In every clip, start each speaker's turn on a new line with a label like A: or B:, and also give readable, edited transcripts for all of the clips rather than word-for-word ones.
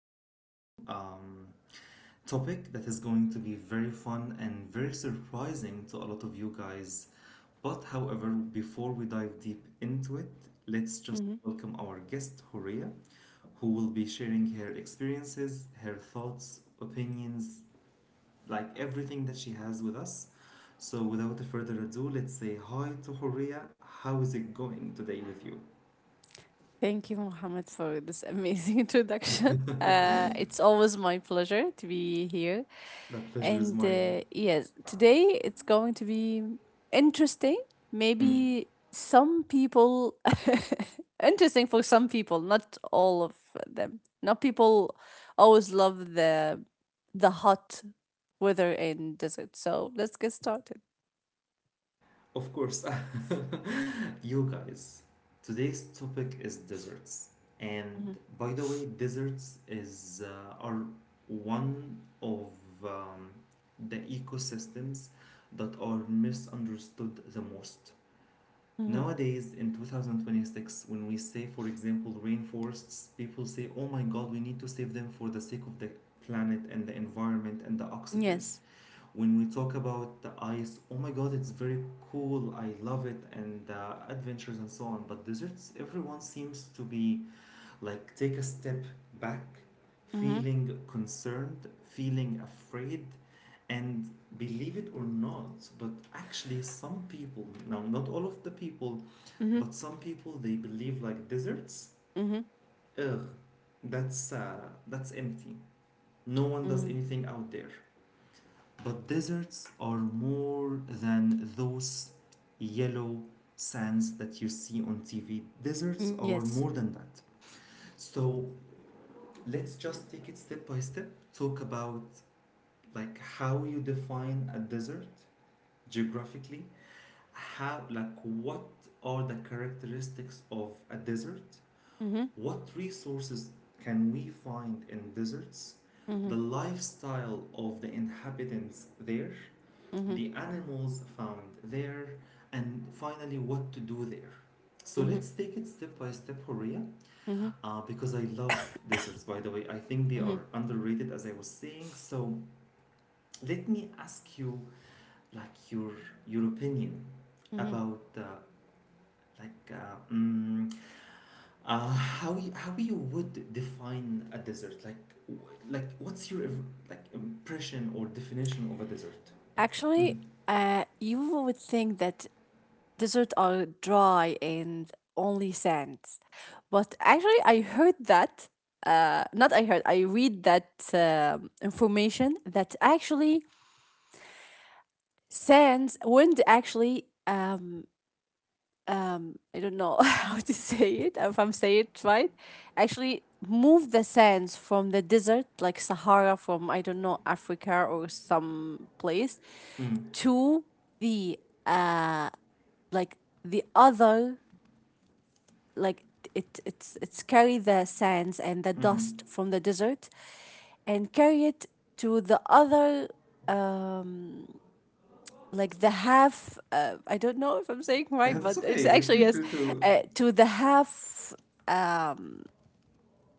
A: environmental topic that is going to be very fun and very surprising to a lot of you guys. But, however, before we dive deep into it, let's just
B: Mhm.
A: welcome our guest, Horia, who will be sharing her experiences, her thoughts, opinions, like everything that she has with us. So without further ado, let's say hi to Horia. How is it going today with you?
B: Thank you, Mohammed, for this amazing introduction. It's always my pleasure to be here.
A: The pleasure is
B: And
A: mine.
B: Yes, today it's going to be interesting.
A: Mm.
B: Maybe some people, interesting for some people, not all of them. Not people always love the hot weather and desert. So let's get started.
A: Of course. you guys, today's topic is desserts. And by the way, desserts is are one of um, the ecosystems that are misunderstood the most.
B: Mm-hmm.
A: Nowadays, in 2026, when we say, for example, rainforests, people say, oh my god, we need to save them for the sake of the planet and the environment and the oxygen.
B: Yes.
A: When we talk about the ice, oh my god, it's very cool, I love it, and adventures and so on. But deserts, everyone seems to be like take a step back,
B: Mm-hmm.
A: feeling concerned, feeling afraid, and believe it or not, but actually, some people, now not all of the people,
B: Mm-hmm.
A: but some people they believe like deserts.
B: Mm-hmm.
A: Ugh, that's empty. No one does
B: Mm.
A: anything out there. But deserts are more than those yellow sands that you see on TV. Deserts are
B: Yes.
A: more than that. So let's just take it step by step. Talk about like how you define a desert geographically. How, like what are the characteristics of a desert?
B: Mm-hmm.
A: What resources can we find in deserts? The
B: Mhm,
A: lifestyle of the inhabitants there,
B: mhm,
A: the animals found there, and finally what to do there. So
B: mhm,
A: let's take it step by step, Horia,
B: mhm,
A: because I love deserts, by the way. I think they
B: mhm,
A: are underrated, as I was saying. So let me ask you, like, your opinion
B: mhm.
A: about like uh, mm, how you would define a desert? Like like what's your like impression or definition of a desert? Mm,
B: Actually, you would think that deserts are dry and only sands, but actually, I heard that. Not I heard. I read that information that actually sands, wind actually I don't know how to say it, if I'm saying it right, actually move the sands from the desert like Sahara from I don't know Africa or some place
A: mm,
B: to the uh like the other, like it it's carry the sands and the
A: mm.
B: dust from the desert and carry it to the other, um the half, I don't know if I'm saying
A: And
B: right, but
A: it's
B: it's
A: okay.
B: actually
A: Feel
B: yes,
A: free to.
B: to the half um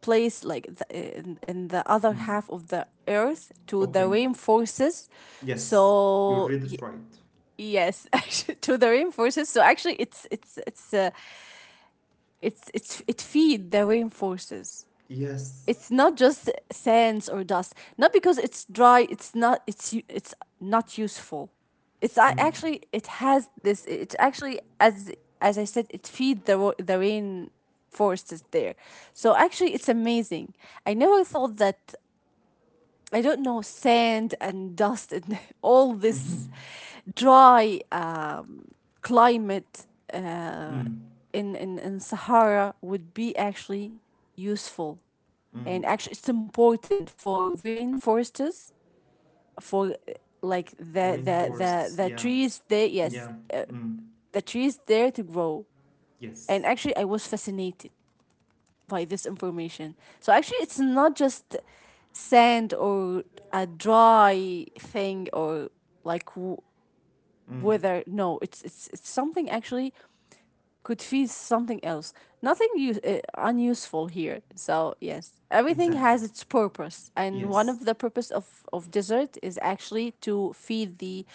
B: place, like in the other
A: Mm,
B: half of the earth to the
A: okay.
B: rainforests.
A: Yes, you
B: so
A: read it
B: y-
A: right.
B: yes, actually, to the rainforests. So actually it feed the rainforests.
A: Yes.
B: It's not just sands or dust. Not because it's dry. It's not. It's not useful. It's I
A: Mm,
B: actually it has this. It actually, as I said, it feed the rain forests there. So actually, it's amazing. I never thought that. I don't know, sand and dust and all this dry climate uh,
A: mm,
B: in in Sahara would be actually useful,
A: mm.
B: and actually it's important for rainforests, for the the the
A: Rainforests.
B: the
A: Yeah.
B: trees there, yes,
A: Yeah. Mm,
B: the trees there to grow. And
A: yes.
B: actually, I was fascinated by this information. So actually, it's not just sand or a dry thing or like w-
A: Mm,
B: weather. No, it's something actually could feed something else. Nothing use, unuseful here. So yes, everything
A: exactly.
B: has its purpose, and one
A: Yes.
B: of the purpose of dessert is actually to feed the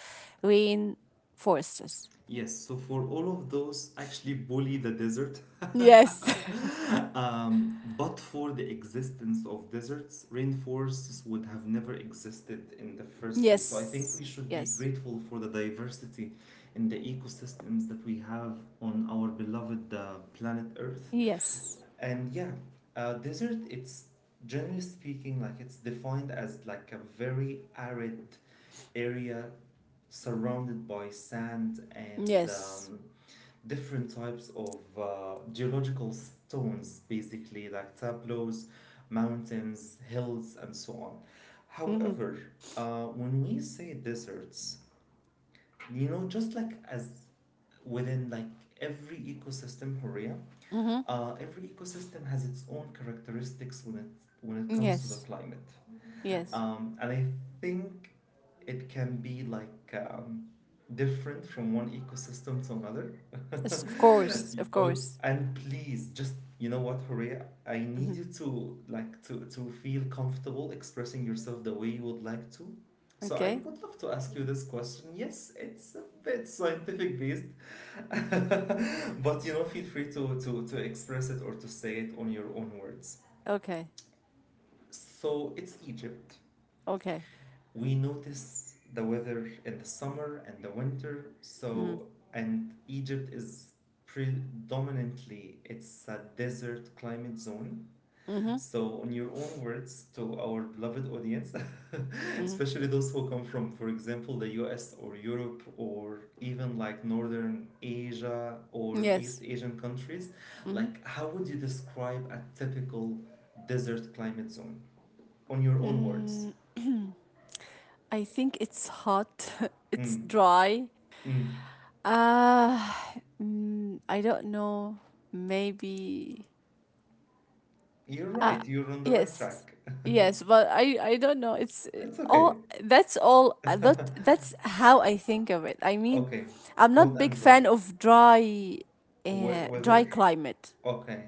B: rainforests.
A: Yes, so for all of those, actually bully the desert.
B: Yes.
A: But for the existence of deserts, rainforests would have never existed in the first place. So I think
B: Yes,
A: we should be
B: yes,
A: grateful for the diversity in the ecosystems that we have on our beloved planet Earth.
B: yes,
A: And yeah, desert, it's generally speaking, like it's defined as like a very arid area surrounded by sand and
B: yes.
A: different types of geological stones, basically like tableaus, mountains, hills, and so on.
B: Mhm,
A: However, when we say deserts, you know, just like as within like every ecosystem, Horia,
B: mhm.
A: every ecosystem has its own characteristics when it comes to the
B: Yes,
A: climate.
B: yes.
A: And I think it can be like different from one ecosystem to another.
B: Yes, of course, of
A: oh,
B: course.
A: and please, just you know what, Horea, I
B: Mhm.
A: need you to like to feel comfortable expressing yourself the way you would like to. So I
B: Okay,
A: would love to ask you this question. Yes, it's a bit scientific based, but you know, feel free to express it or to say it on your own words.
B: okay,
A: So it's Egypt,
B: okay.
A: we notice the weather in the summer and the winter.
B: Mhm,
A: So, and Egypt is predominantly, it's a desert climate zone.
B: mhm,
A: So in your own words to our beloved audience,
B: mhm.
A: especially those who come from, for example, the US or Europe or even like northern Asia or east
B: Yes.
A: Asian countries,
B: Mhm.
A: like how would you describe a typical desert climate zone on your own words?
B: Mm. I think it's hot. It's
A: Mm,
B: dry.
A: mm.
B: Uh, I don't know. Maybe.
A: You're
B: Ah,
A: right, you're on the right
B: yes.
A: track.
B: Yes, but I don't know. It's
A: It's okay.
B: all that's all that that's how I think of it. I mean,
A: Okay,
B: I'm
A: hot
B: not big
A: and dry.
B: fan of dry,
A: We-
B: dry
A: weather?
B: climate.
A: Okay,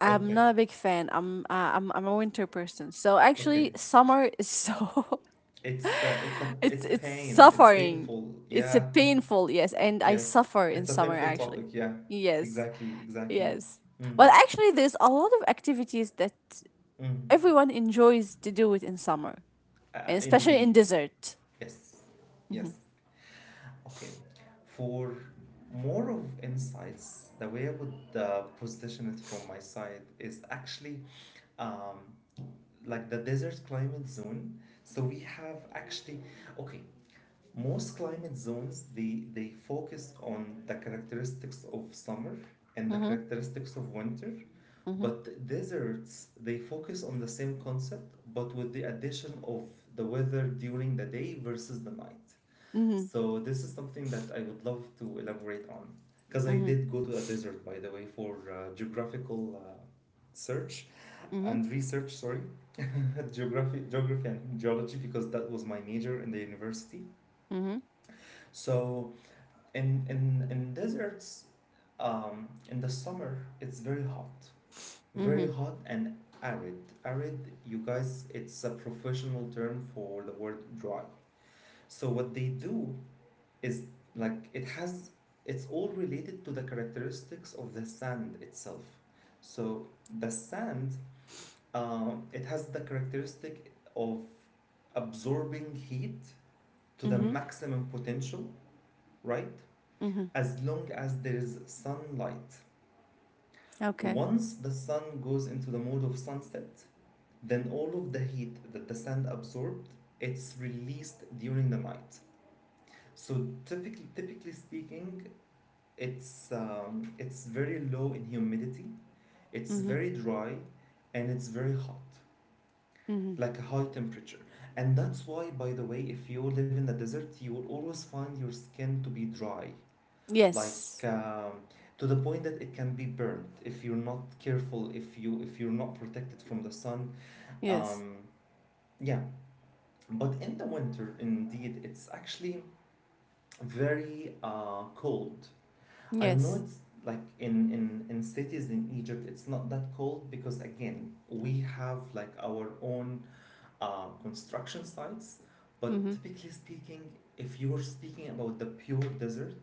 B: I'm
A: okay,
B: not a big fan. I'm a winter person. So
A: okay.
B: actually summer is so
A: It's a, it's
B: It's
A: pain. It's
B: suffering.
A: painful.
B: It's a
A: Yeah.
B: painful, yes, and I
A: Yes.
B: suffer in
A: It's a
B: summer
A: painful
B: actually.
A: topic. Yeah.
B: Yes.
A: Exactly, exactly.
B: Yes.
A: Mm.
B: But actually there's a lot of activities that
A: Mm.
B: everyone enjoys to do it in summer, and especially in
A: Indeed.
B: desert.
A: Yes. Yes.
B: Mhm.
A: Okay. For more of insights, the way I would position it from my side is actually um, like the desert climate zone. So we have actually, okay, most climate zones they focus on the characteristics of summer and the
B: Mhm.
A: characteristics of winter,
B: Mhm.
A: but deserts they focus on the same concept but with the addition of the weather during the day versus the night.
B: Mhm.
A: So this is something that I would love to elaborate on because I did go to a desert, by the way, for geographical search
B: Mhm.
A: and research. Sorry, geography and geology because that was my major in the university.
B: Mhm.
A: So in deserts, in the summer it's
B: Mhm.
A: very
B: Mhm.
A: hot and arid. Arid, you guys, it's a professional term for the word dry. So what they do is like it has, it's all related to the characteristics of the sand itself. So the sand, it has the characteristic of absorbing heat to the
B: Mhm.
A: maximum potential, right,
B: Mhm.
A: as long as there is sunlight.
B: Okay.
A: Once the sun goes into the mode of sunset, then all of the heat that the sand absorbed, it's released during the night. So typically speaking, it's it's very low in humidity. It's
B: Mhm.
A: very dry, and it's very hot,
B: Mhm.
A: like a high temperature. And that's why, by the way, if you live in the desert, you will always find your skin to be dry, like
B: Yes.
A: to the point that it can be burnt if you're not careful, if you're not protected from the sun.
B: Yes.
A: Um, yeah, but in the winter, indeed, it's actually very cold. I know
B: Yes.
A: it's like in cities in Egypt, it's not that cold because, again, we have like our own construction sites. But
B: Mhm.
A: typically speaking, if you're speaking about the pure desert,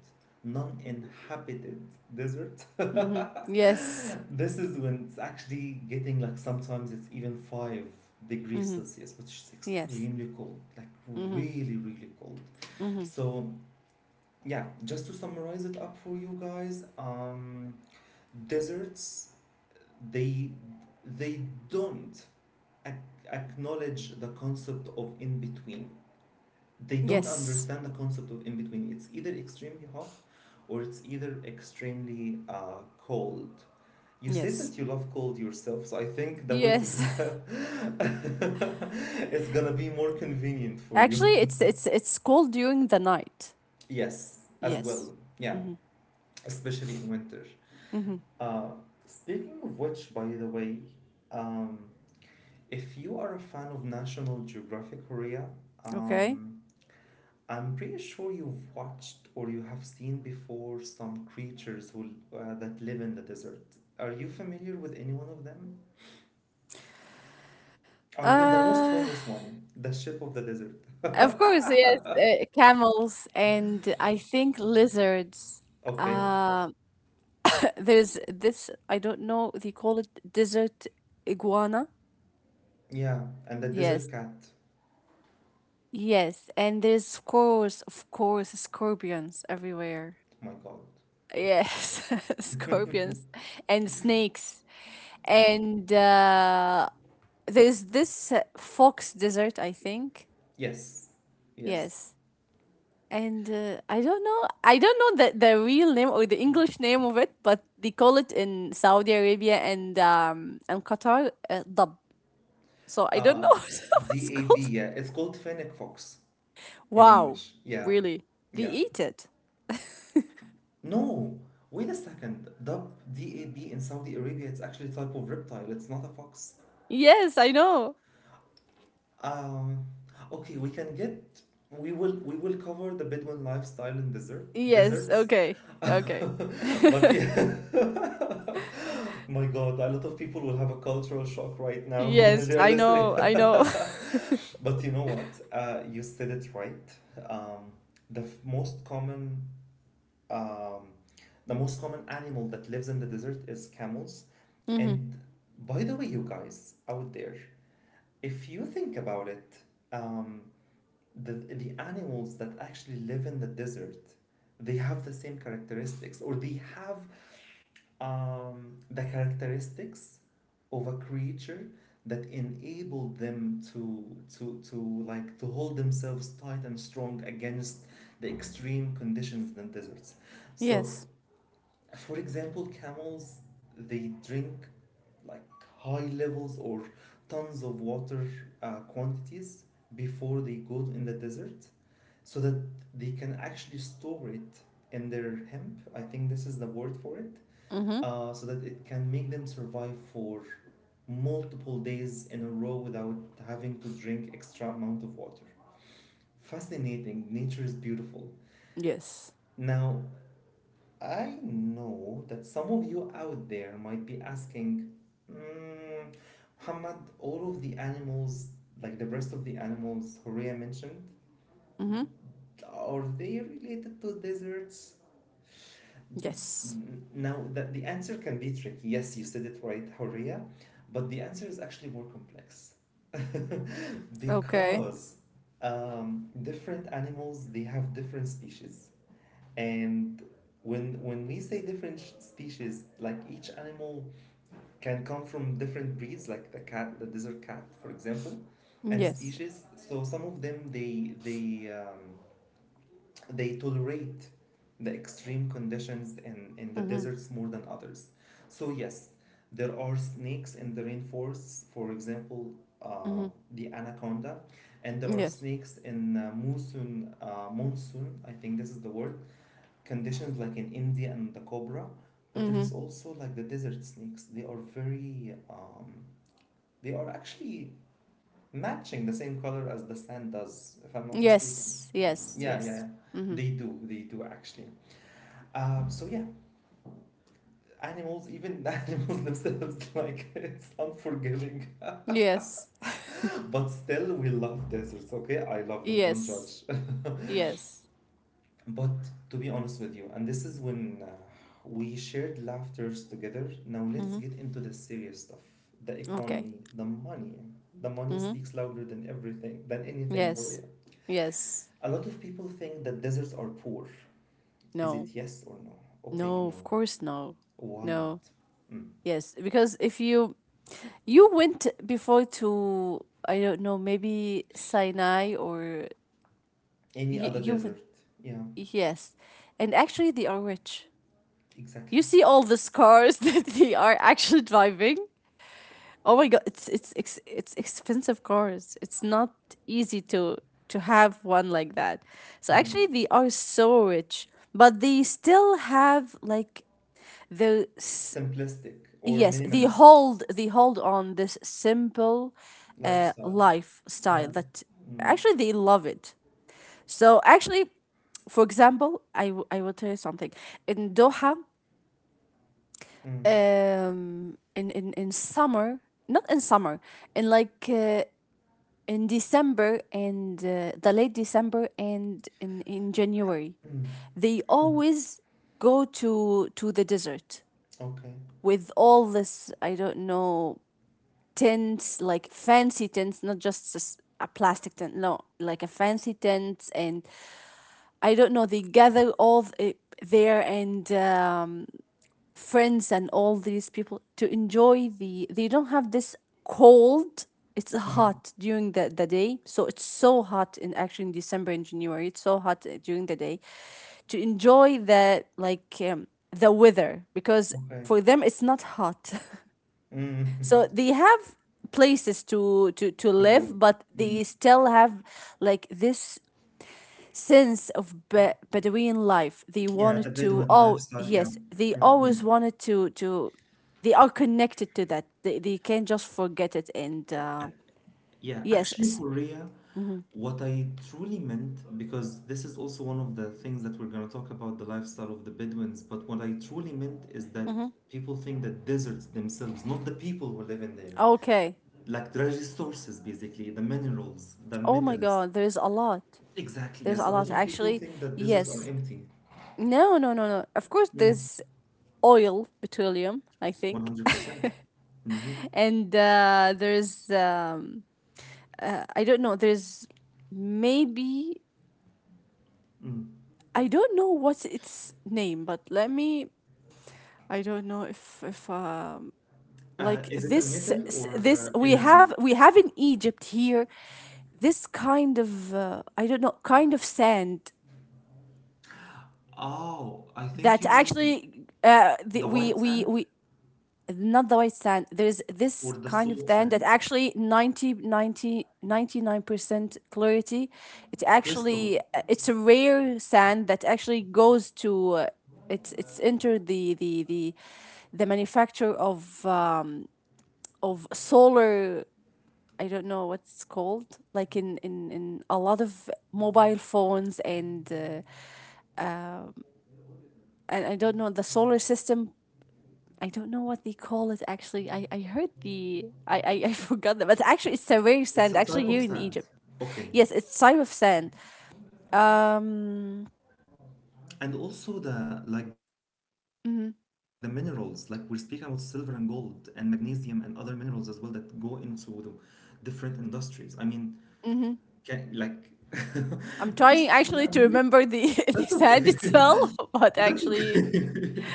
A: non inhabited desert,
B: Mhm. Yes.
A: this is when it's actually getting like sometimes it's even 5 degrees
B: Mhm.
A: Celsius, which is
B: Yes.
A: extremely cold, like
B: Mhm.
A: really, really cold.
B: Mhm.
A: So yeah, just to summarize it up for you guys, deserts they they don't ac- acknowledge the concept of in between. They don't
B: Yes.
A: understand the concept of in between. It's either extremely hot or it's either extremely cold. You said
B: Yes.
A: that you love cold yourself, so I think the winter
B: Yes.
A: it's gonna be more convenient for you.
B: Actually, it's called during the night.
A: yes, as well.
B: Yes.
A: Yeah,
B: Hmm.
A: especially in winter.
B: Hmm.
A: Uh, speaking of which, by the way, um, if you are a fan of National Geographic Korea,
B: Okay.
A: um, I'm pretty sure you've watched or you have seen before some creatures who that live in the desert. Are you familiar with any one of them? I mean, the most
B: Uh,
A: famous one, the ship of the desert.
B: of course, yes. Camels and I think lizards.
A: Okay,
B: Um, there's this. I don't know. They call it desert iguana.
A: yeah, and the
B: Yes.
A: desert cat.
B: Yes, and there's of course, scorpions everywhere.
A: Oh my God.
B: Yes, scorpions and snakes. And There's this fox dessert, I think.
A: Yes, yes.
B: Yes. and I don't know the real name or the English name of it, but they call it in Saudi Arabia and Qatar, dab. So I don't
A: Uh,
B: know what it's
A: DAB,
B: called.
A: yeah, it's called Fennec Fox in
B: Wow.
A: English. Yeah,
B: Really? They
A: yeah.
B: eat it.
A: No, wait a second. Dab, D A B in Saudi Arabia, it's actually a type of reptile. It's not a fox.
B: Yes, I know.
A: Um, okay, we can get. We will, we will cover the Bedouin lifestyle in
B: Yes,
A: deserts,
B: okay, okay.
A: but yeah. My God, a lot of people will have a cultural shock right now while
B: Yes,
A: they are
B: I
A: listening.
B: know, I know.
A: But you know what? You said it right. Um, most common Um, the most common animal that lives in the desert is camels.
B: Mm-hmm.
A: And by the way, you guys out there, if you think about it, um, the animals that actually live in the desert, they have the same characteristics or they have the characteristics of a creature that enabled them to like to hold themselves tight and strong against the extreme conditions in the deserts. So
B: Yes.
A: for example, camels, they drink like high levels or tons of water, quantities, before they go in the desert so that they can actually store it in their hemp. I think this is the word for it.
B: Mm-hmm.
A: So that it can make them survive for multiple days in a row without having to drink extra amount of water. Fascinating. Nature is beautiful.
B: Yes.
A: Now, I know that some of you out there might be asking, mm, Muhammad, all of the animals, like the rest of the animals Horea mentioned,
B: Mm-hmm.
A: are they related to deserts?
B: Yes.
A: Now, that the answer can be tricky. Yes, you said it right, Horea, but the answer is actually more complex.
B: Okay.
A: because different animals, they have different species. And when we say different species, like each animal can come from different breeds, like the cat, the desert cat, for example, and
B: Yes.
A: species. So some of them they they tolerate the extreme conditions in the
B: Mm-hmm.
A: deserts more than others. So yes, there are snakes in the rainforests, for example,
B: Mm-hmm.
A: uh, the anaconda, and there are
B: Yes.
A: snakes in monsoon, monsoon, I think this is the word, conditions like in India and the cobra, but there
B: Mm-hmm.
A: is also like the desert snakes. They are very, they are actually matching the same color as the sand does, if I'm not mistaken.
B: Yes. Yes.
A: Yeah, yeah,
B: Yes.
A: yeah.
B: Mm-hmm.
A: They do actually. So animals, even the animals themselves, like it's unforgiving.
B: Yes.
A: But still, we love deserts, okay? I love them, don't
B: Yes.
A: judge.
B: Yes.
A: But to be honest with you, and this is when we shared laughters together. Now let's
B: Mm-hmm.
A: get into the serious stuff. The
B: Okay.
A: economy, the money. The money
B: Mm-hmm.
A: speaks louder than everything, than anything, Horia.
B: Yes. Yes.
A: A lot of people think that deserts are poor. Is it
B: No.
A: yes or no? Okay,
B: No.
A: no.
B: Of course, no.
A: Why not?
B: No.
A: Mm.
B: Yes. Because if you you went before to I don't know maybe Sinai, or
A: Any
B: you
A: other
B: you went,
A: desert? Yeah,
B: yes, and actually they are rich.
A: exactly.
B: You see all the scars that they are actually driving. Oh my god, it's expensive cars. It's not easy to have one like that. So
A: Mm.
B: actually they are so rich, but they still have like the s-
A: Simplistic or
B: yes,
A: minimalist
B: they hold on this simple
A: lifestyle.
B: lifestyle
A: Yeah.
B: that
A: Mm.
B: actually they love it. So actually, for example, I will tell you something. In Doha,
A: Mm.
B: in summer, not in summer, in like uh, in December and, the late December and in January.
A: Mm.
B: They always go to the desert
A: Okay.
B: with all this, I don't know, tents, like fancy tents, not just s- a plastic tent. No, like a fancy tent. And I don't know, they gather there, and friends and all these people to enjoy. The they don't have this cold. It's
A: Mm.
B: hot during the day. So it's so hot, in actually in December and January it's so hot, during the day, to enjoy the, like, the weather, because
A: Okay.
B: for them it's not hot.
A: Mm.
B: So they have places to
A: To go.
B: live, but
A: Mm.
B: they still have like this sense of Bedouin life. They
A: Yeah, the
B: wanted to.
A: Bedouin
B: Oh
A: lifestyle. Yeah.
B: yes, they always
A: Mm-mm.
B: wanted to. They are connected to that. They can't just forget it. And
A: Yeah,
B: yes,
A: actually, Korea, what I truly meant, because this is also one of the things that we're going to talk about the lifestyle of the Bedouins, but what I truly meant is that
B: mhm.
A: people think that deserts themselves, not the people who live in there,
B: Okay.
A: like the resources basically, the minerals, the
B: Oh my
A: metals.
B: God, there's a lot.
A: Exactly,
B: There's a
A: yes. A
B: lot
A: lot of people
B: actually.
A: think that deserts are
B: Yes.
A: empty.
B: No, no, no, no. Of course,
A: Mm,
B: there's oil, petroleum, I think.
A: 100%. Mm-hmm.
B: and there's I don't know. There's maybe,
A: Mm.
B: I don't know what's its name, but let me. I don't know if Like
A: Is it a
B: this,
A: metal or
B: we
A: energy?
B: have, we have in Egypt here, this kind of, I don't know, kind of sand
A: Oh, I think
B: that
A: you mean
B: actually, the,
A: the white sand
B: we not the white sand. There's
A: or
B: this
A: the
B: kind of
A: salt
B: sand that
A: sand.
B: actually ninety ninety ninety nine percent clarity. It
A: Crystal.
B: actually, it's a rare sand that actually goes to, it's entered the manufacture of solar, I don't know what's called, like in, in a lot of mobile phones, and I don't know, the solar system. I don't know what they call it actually. I heard I forgot that, but actually it's survey
A: It's
B: sand
A: a
B: actually
A: type of
B: here in
A: sand.
B: Egypt.
A: Okay.
B: Yes, it's type of sand. Um,
A: And also the like the minerals, like we're
B: mhm,
A: speaking about silver and gold and magnesium and other minerals as well that go into the different industries. I mean,
B: mhm.
A: can, like
B: I'm
A: because
B: trying actually
A: yeah,
B: to remember
A: that's
B: the
A: okay.
B: sand itself, but
A: That's
B: actually
A: okay.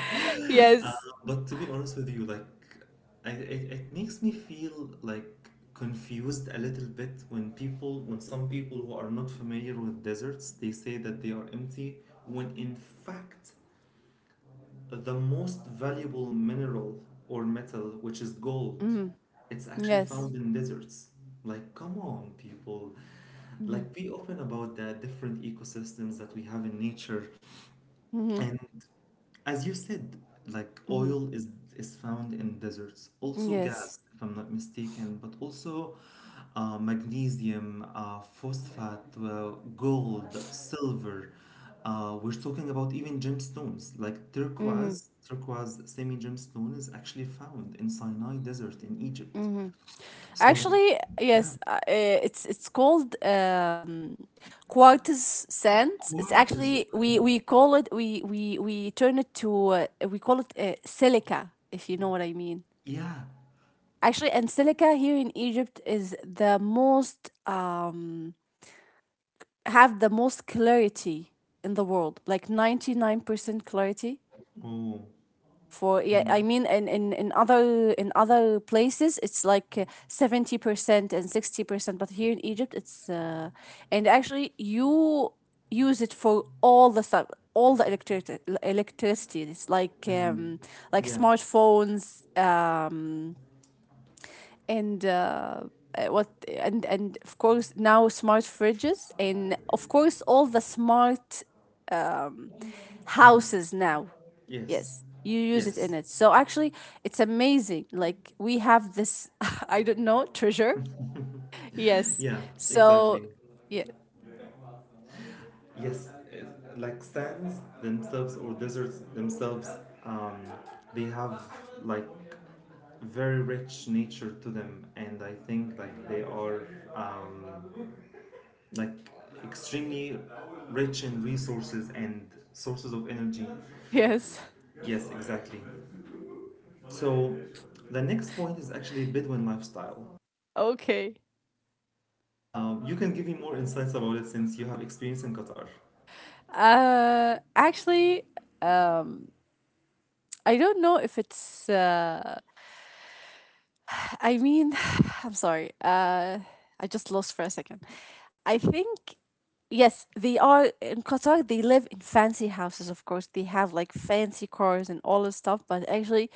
A: Uh,
B: yes.
A: but to be honest with you, like, it makes me feel like confused a little bit when people, when some people who are not familiar with deserts, they say that they are empty, when in fact, the most valuable mineral or metal, which is gold,
B: Hmm.
A: it's actually
B: Yes.
A: found in deserts. Like, come on, people.
B: Hmm.
A: Like, be open about the different ecosystems that we have in nature.
B: Hmm.
A: And as you said, like
B: Hmm.
A: oil is found in deserts, also
B: Yes.
A: gas, if I'm not mistaken, but also magnesium, phosphate, gold, silver. We're talking about even gemstones like
B: Hmm.
A: turquoise. Turquoise semi gemstone is actually found in Sinai Desert in Egypt. So,
B: Actually,
A: yeah,
B: yes, it's called, quartz sand. It's
A: quartz. Is
B: actually we
A: Okay,
B: we call it we we we turn it to, we call it silica, if you know what I mean.
A: yeah.
B: Actually, and silica here in Egypt is the most have the most clarity in the world, like 99% clarity.
A: Oh,
B: For Yeah, I
A: mm,
B: mean, in other, in other places it's like, 70% and 60%, but here in Egypt it's, and actually you use it for all the stuff, all the electricity. It's like,
A: mm,
B: like
A: yeah.
B: smartphones, and what and of course now smart fridges, and of course all the smart, um
A: Mm.
B: houses now.
A: Yes.
B: Yes, you use it in
A: Yes.
B: it. So actually, it's amazing. Like we have this, I don't know, treasure. Yes.
A: Yeah,
B: So,
A: exactly.
B: yeah.
A: Yes, like sands themselves or deserts themselves, um, they have like very rich nature to them, and I think like they are um, like extremely rich in resources and sources of energy.
B: Yes.
A: Yes, exactly. So the next point is actually Bedouin lifestyle.
B: Okay.
A: You can give me more insights about it since you have experience in Qatar.
B: Actually, um, I don't know if it's, I mean, I'm sorry. I just lost for a second. I think yes, they are in Qatar. They live in fancy houses, of course. They have like fancy cars and all this stuff. But actually,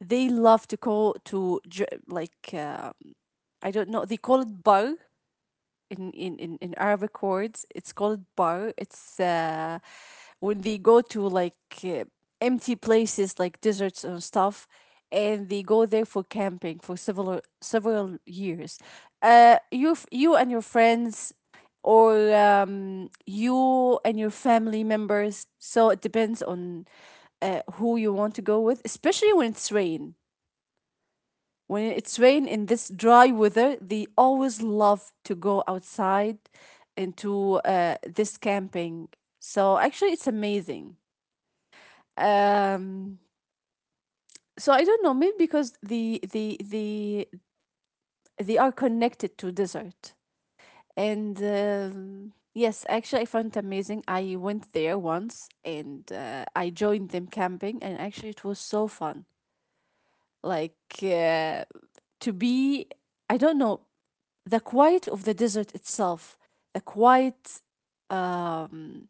B: they love to go to I don't know, they call it bar in Arabic words. It's called bar. It's When they go to like, uh, empty places like deserts and stuff, and they go there for camping for several several years. You and your friends, or you and your family members. So it depends on, who you want to go with, especially when it's rain. When it's rain in this dry weather, they always love to go outside into, this camping. So actually, it's amazing. Um, so I don't know, maybe because they are connected to desert. And yes, actually, I found it amazing. I went there once, and I joined them camping, and actually, it was so fun. Like, uh, to be, I don't know, the quiet of the desert itself, the quiet. Um,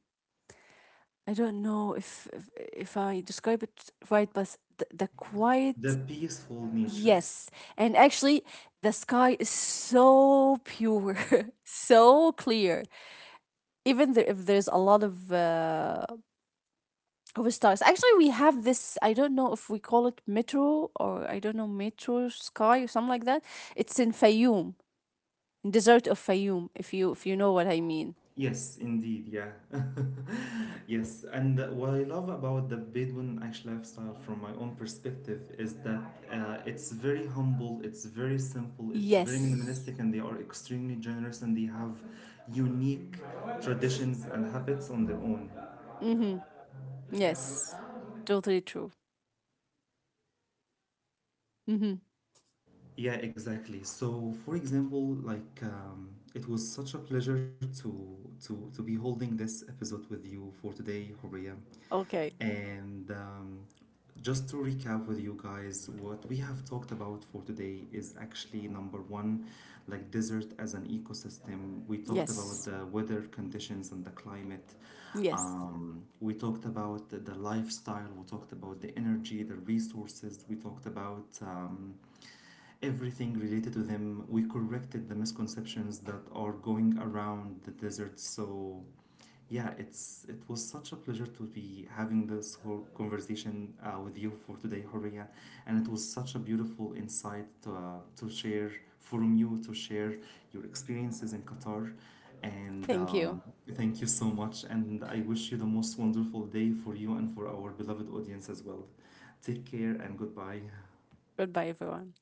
B: I don't know if I describe it right, but the
A: The
B: quiet.
A: peaceful nature.
B: Yes, and actually, the sky is so pure, so clear. Even there, if there's a lot of, of stars, actually, we have this. I don't know if we call it metro or I don't know, metro sky or something like that. It's in Fayoum, in desert of Fayoum, if you if you know what I mean.
A: Yes, indeed, yeah. Yes, and what I love about the Bedouin Ash lifestyle from my own perspective is that it's very humble, it's very simple, it's very
B: Yes.
A: minimalistic, and they are extremely generous and they have unique traditions and habits on their own.
B: Mm-hmm. Yes. Totally true. Mm-hmm.
A: Yeah, exactly. So, for example, like it was such a pleasure to to be holding this episode with you for today, Horia.
B: Okay.
A: And just to recap with you guys, what we have talked about for today is actually number one, like desert as an ecosystem. We talked about
B: Yes.
A: the weather conditions and the climate.
B: Yes.
A: We talked about the lifestyle. We talked about the energy, the resources. We talked about everything related to them. We corrected the misconceptions that are going around the desert. So yeah, it's it was such a pleasure to be having this whole conversation with you for today, Horia, and it was such a beautiful insight to share from you to share your experiences in Qatar. And
B: Thank you.
A: thank you so much. And I wish you the most wonderful day for you and for our beloved audience as well. Take care and goodbye.
B: Goodbye, everyone.